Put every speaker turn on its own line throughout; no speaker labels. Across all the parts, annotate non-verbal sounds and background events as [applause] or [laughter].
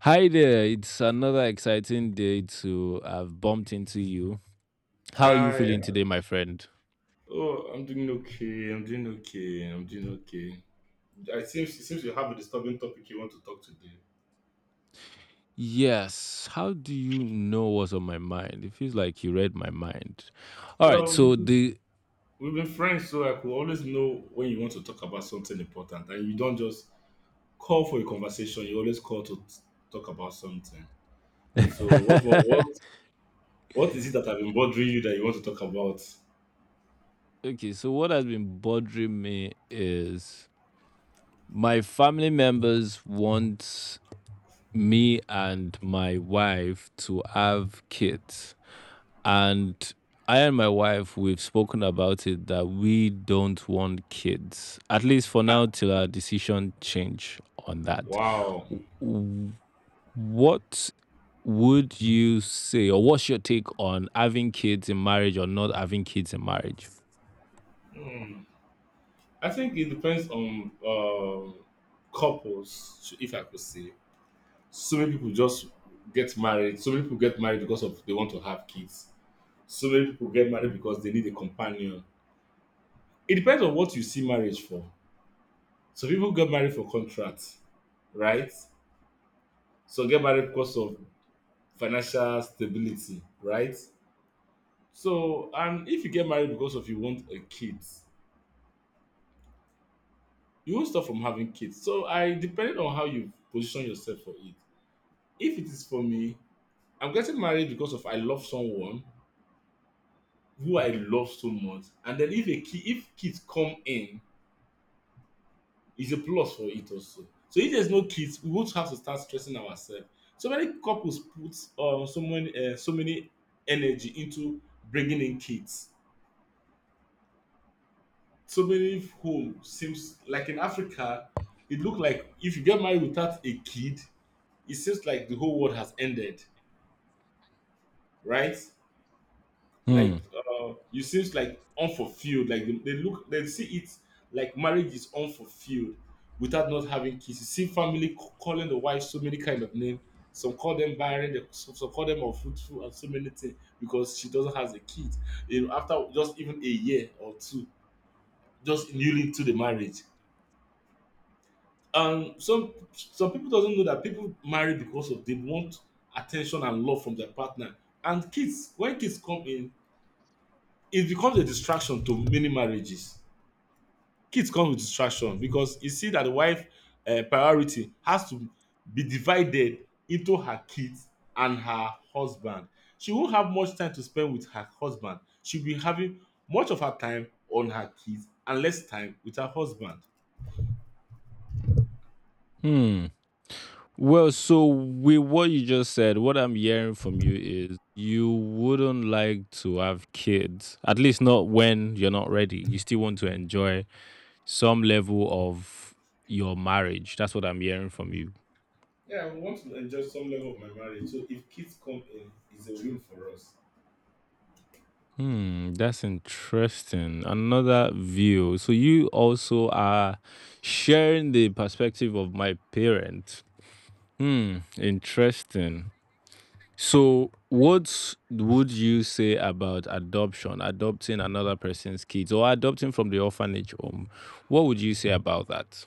Hi there. It's another exciting day to have bumped into you. How are you feeling
Hi.
today, my friend?
Oh, I'm doing okay. I'm doing okay. I'm doing okay. It seems you have a disturbing topic you want to talk today.
Yes. How do you know what's on my mind? It feels like you read my mind. All
Yeah,
right. So,
we-
the.
we've been friends, so I could always know when you want to talk about something important, and you don't just call for a conversation. You always call to talk about something. So, what is it that have been bothering you that you want to talk about?
[laughs] Okay. So, what has been bothering me is my family members want me and my wife to have kids. And I and my wife, we've spoken about it that we don't want kids, at least for
I,
now, till our decision change on that.
wow.
W- What would you say, or what's your take on having kids in marriage or not having kids in marriage?
Hmm. I think it depends on couples, if I could say. So many people just get married. So many people get married because of they want to have kids. So many people get married because they need a companion. It depends on what you see marriage for. So people get married for contract, right? So get married because of financial stability, right? So and if you get married because of you want a kid, you won't stop from having kids. So I depending on how you position yourself for it. If it is for me, I'm getting married because of I love someone who I love so much. And then if a kid, if kids come in, it's a plus for it also. So if there's no kids, we won't have to start stressing ourselves. So many couples put so many so many energy into bringing in kids. So many home seems like in Africa, it look like if you get married without a kid, it seems like the whole world has ended, right? Like
Hmm.
you seems like unfulfilled like they look they see it like marriage is unfulfilled without not having kids. You see family calling the wife so many kind of name. Some call them barren, some call them unfruitful and so many things because she doesn't have a kid, you know, after just even a year or two, just newly into the marriage. Some people doesn't know that people marry because of they want attention and love from their partner, and kids, when kids come in, it becomes a distraction to many marriages. Kids come with distraction because you see that the wife priority has to be divided into her kids and her husband. She won't have much time to spend with her husband. She'll be having much of her time on her kids and less time with her husband.
Hmm. Well, so with what you just said, what I'm hearing from you is you wouldn't like to have kids, at least not when you're not ready. You still want to enjoy some level of your marriage. That's what I'm hearing from you.
Yeah, I want to enjoy some level of my marriage. So if kids come in, it's a win for us.
Hmm, that's interesting. Another view. So you also are sharing the perspective of my parent. Hmm, interesting. So what would you say about adoption, adopting another person's kids or adopting from the orphanage home? What would you say about that?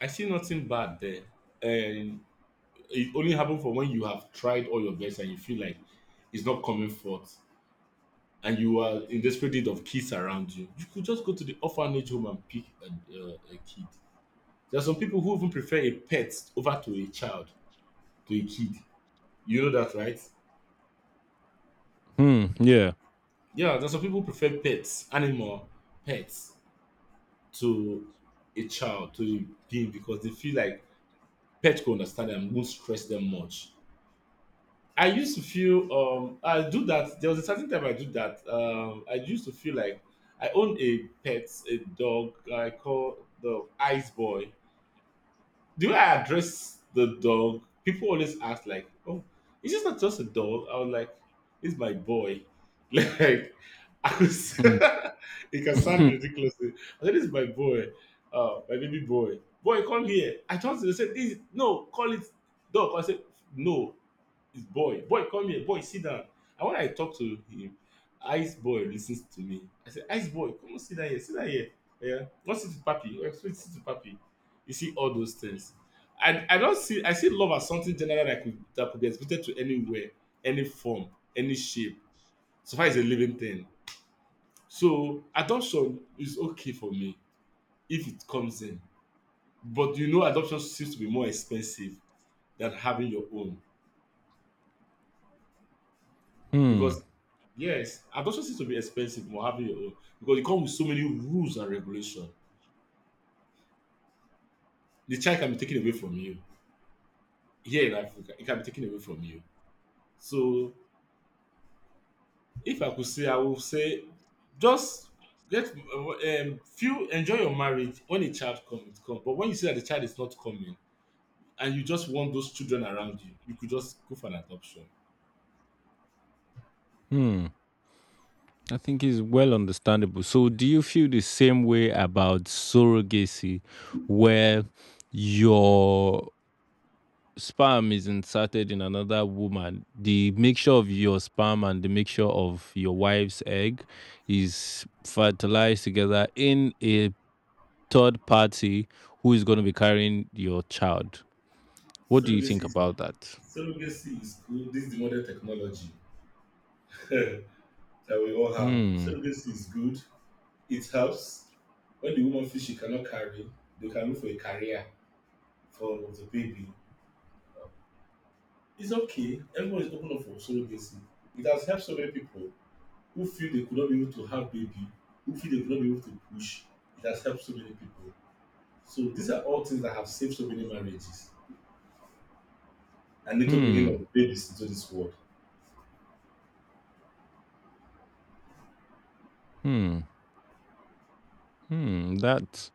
I see nothing bad there. Um it only happen for when you have tried all your best and you feel like it's not coming forth and you are in desperate need of kids around you. You could just go to the orphanage home and pick a, a kid. There are some people who even prefer a pet over to a child, to a kid, you know that, right?
Hmm, yeah.
Yeah, there are some people who prefer pets, animal pets, to a child, to a being, because they feel like pets go understand them, won't stress them much. I used to feel, I do that. There was a certain time I do that. I used to feel like I own a pet, a dog I call the Ice Boy. The way I address the dog, people always ask like, "Oh, it's just not just a dog?" I was like, "It's my boy." [laughs] Like I was, [laughs]
Hmm.
it can
[laughs]
sound
hmm.
ridiculously. I said, "It's my boy, my baby boy. Boy, come here." I told them, they said, "This no, call it dog." I said, "No." It's boy. Boy, come here. Boy, sit down. And when I talk to him, Ice Boy listens to me. I say, Ice Boy, come on, sit down here. Sit down here. Yeah. Come sit to Papi. Explain sit to Papi. You see all those things. I don't see, I see love as something general that could be exhibited to anywhere, any form, any shape. So far as a living thing. So adoption is okay for me if it comes in. But you know adoption seems to be more expensive than having your own
Hmm.
because yes, adoption seems to be expensive more having your own because it comes with so many rules and regulation. The child can be taken away from you. Here in Africa, it can be taken away from you. So if I could say, I would say just get feel, enjoy your marriage. When a child comes, it comes. But when you see that the child is not coming and you just want those children around you, you could just go for an adoption.
Hmm. I think it's well understandable. So, do you feel the same way about surrogacy, where your sperm is inserted in another woman? The mixture of your sperm and the mixture of your wife's egg is fertilized together in a third party who is going to be carrying your child. What do you
Surrogacy
think
is,
about that?
surrogacy is good. This is the modern technology [laughs] that we all have.
Hmm.
Surrogacy is good. It helps when the woman feels she cannot carry, they can look for a career for the baby. It's okay. Everyone is open up for surrogacy. It has helped so many people who feel they could not be able to have baby, who feel they could not be able to push. It has helped so many people. So these are all things that have saved so many marriages and little bringing
Hmm.
of babies into this world.
Hmm. Hmm.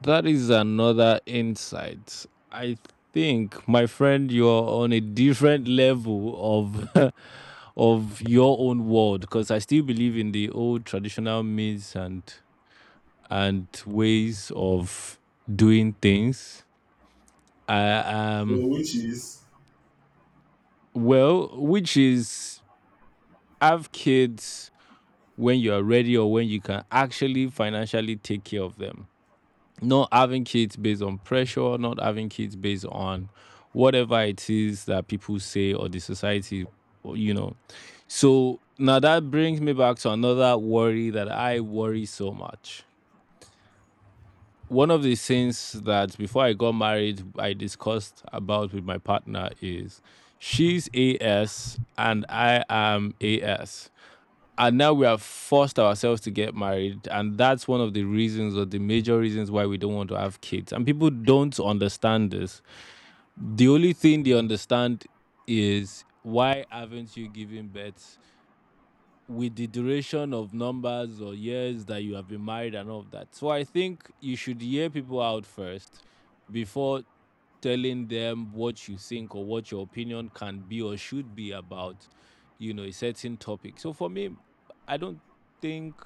That is another insight. I think, my friend, you're on a different level of [laughs] of your own world because I still believe in the old traditional means and ways of doing things. I
So which is
Well, which is have kids when you are ready or when you can actually financially take care of them, not having kids based on pressure, not having kids based on whatever it is that people say or the society, or, you know. So now that brings me back to another worry that I worry so much. One of the things that before I got married, I discussed about with my partner is she's AS and I am AS, and now we have forced ourselves to get married, and that's one of the reasons or the major reasons why we don't want to have kids, and people don't understand this. The only thing they understand is why haven't you given birth with the duration of numbers or years that you have been married and all of that. So I think you should hear people out first before telling them what you think or what your opinion can be or should be about, you know, a certain topic. So for me, I don't think,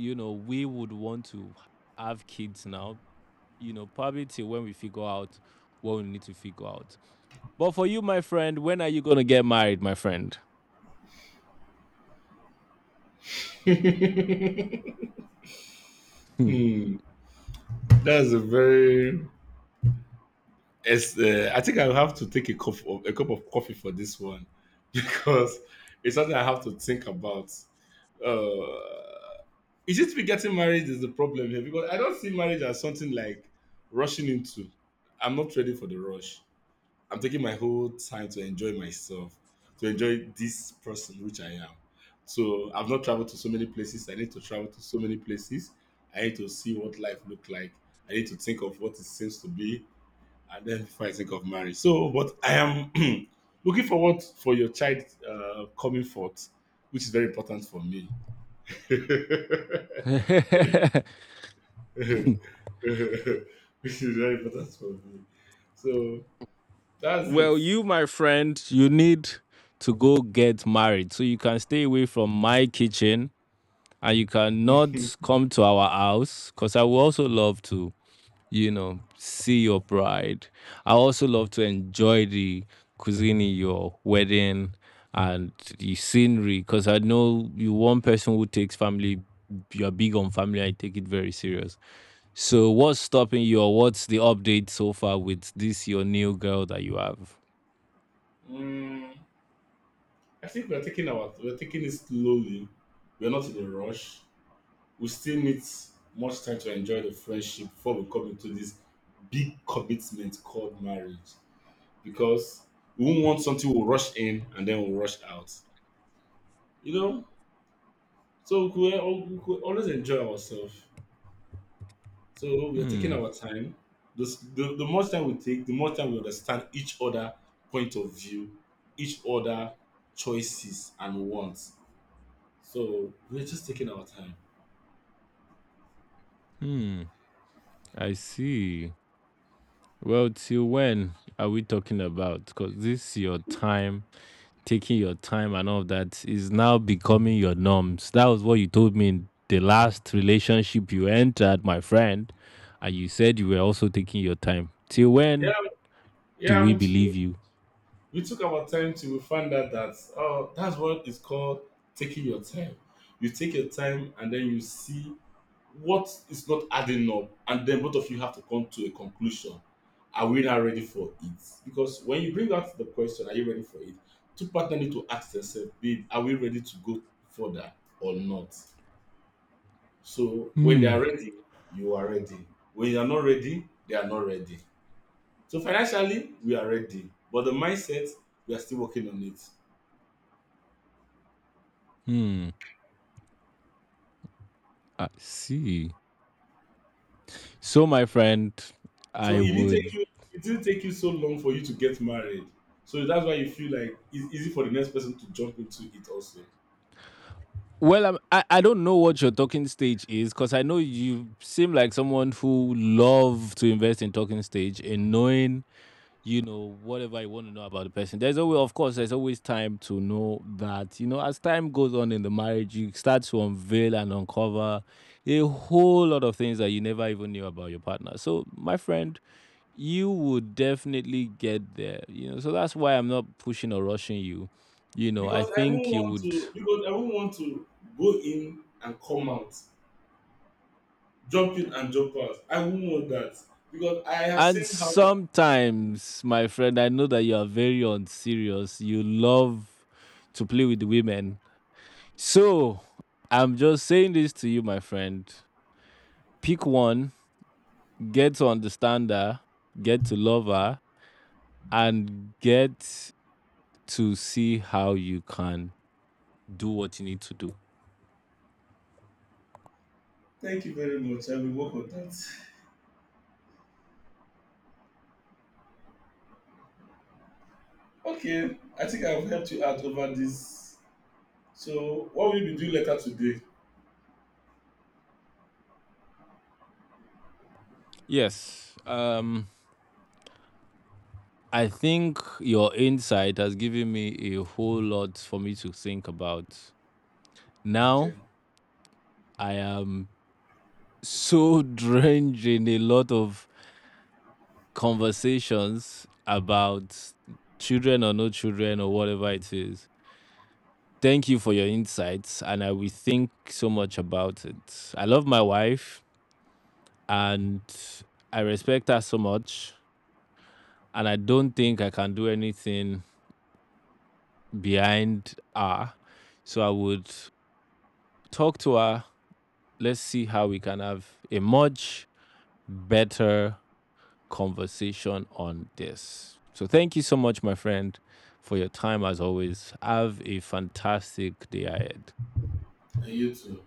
you know, we would want to have kids now, you know, probably till when we figure out what we need to figure out. But for you, my friend, when are you going to get married, my friend?
[laughs]
Hmm.
hmm, that's a very— it's, I think I'll have to take a cup of coffee for this one [laughs] because it's something I have to think about. Uh, is it me getting married is the problem here? Because I don't see marriage as something like rushing into. I'm not ready for the rush. I'm taking my whole time to enjoy myself, to enjoy this person which I am. So I've not traveled to so many places. I need to travel to so many places. I need to see what life look like. I need to think of what it seems to be, and then before I think of marriage. So, but I am [clears throat] looking forward for your child coming forth, which is very important for me. [laughs] Which
[laughs]
is very important for me. So that's it.
Well, you, my friend, you need to go get married so you can stay away from my kitchen, and you cannot
[laughs]
come to our house because I would also love to, you know, see your bride. I also love to enjoy the cuisine in your wedding and the scenery because I know you one person who takes family. You're big on family. I take it very serious. So, what's stopping you, or what's the update so far with this your new girl that you have?
Mm, I think we're taking it slowly. We're not in a rush. We still need much time to enjoy the friendship before we come into this big commitment called marriage. Because we won't want something we'll rush in and then we'll rush out. You know? So we could, we could always enjoy ourselves. So we are taking
Hmm.
our time. The more time we take, the more time we understand each other point of view, each other choices and wants. So we're just taking our time.
Hmm. I see. Well, till when are we talking about? Because this your time taking your time and all of that is now becoming your norms. That was what you told me in the last relationship you entered, my friend. And you said you were also taking your time. Till
Yeah,
when do
yeah,
we believe you?
we took our time till we found out that, oh, that's what is called taking your time. You take your time and then you see what is not adding up, and then both of you have to come to a conclusion. Are we now ready for it? Because when you bring out the question, are you ready for it, two partners need to ask themselves, babe, are we ready to go further or not? So when they are
Hmm.
ready, you are ready. When you are not ready, they are not ready. So financially we are ready, but the mindset, we are still working on it.
Hmm. I see. So, my friend,
So
I
it didn't take
would.
you, it didn't take you so long for you to get married, so that's why you feel like it's easy for the next person to jump into it also.
Well, I don't know what your talking stage is because I know you seem like someone who love to invest in talking stage and knowing, you know, whatever you want to know about the person. There's always, of course, there's always time to know that, you know, as time goes on in the marriage you start to unveil and uncover a whole lot of things that you never even knew about your partner. So my friend, you would definitely get there, you know, so that's why I'm not pushing or rushing you, you know, I think you would.
Because I won't want to go in and come out, jump in and jump out. I won't want that. Because I have
And
seen how bad.
sometimes my friend, I know that you are very unserious, you love to play with the women. So, I'm just saying this to you, my friend. Pick one, get to understand her, get to love her, and get to see how you can do what you need to do.
Thank you very much. I will work on that. Okay. I think I've helped you out over this. So what will you be doing later today?
Yes. I think your insight has given me a whole lot for me to think about.
Okay.
Now, I am so [laughs] drenched in a lot of conversations about children or no children or whatever it is. Thank you for your insights, and I will think so much about it. I love my wife, and I respect her so much, and I don't think I can do anything behind her. So I would talk to her. Let's see how we can have a much better conversation on this. So thank you so much, my friend, for your time as always. Have a fantastic day ahead.
And you too.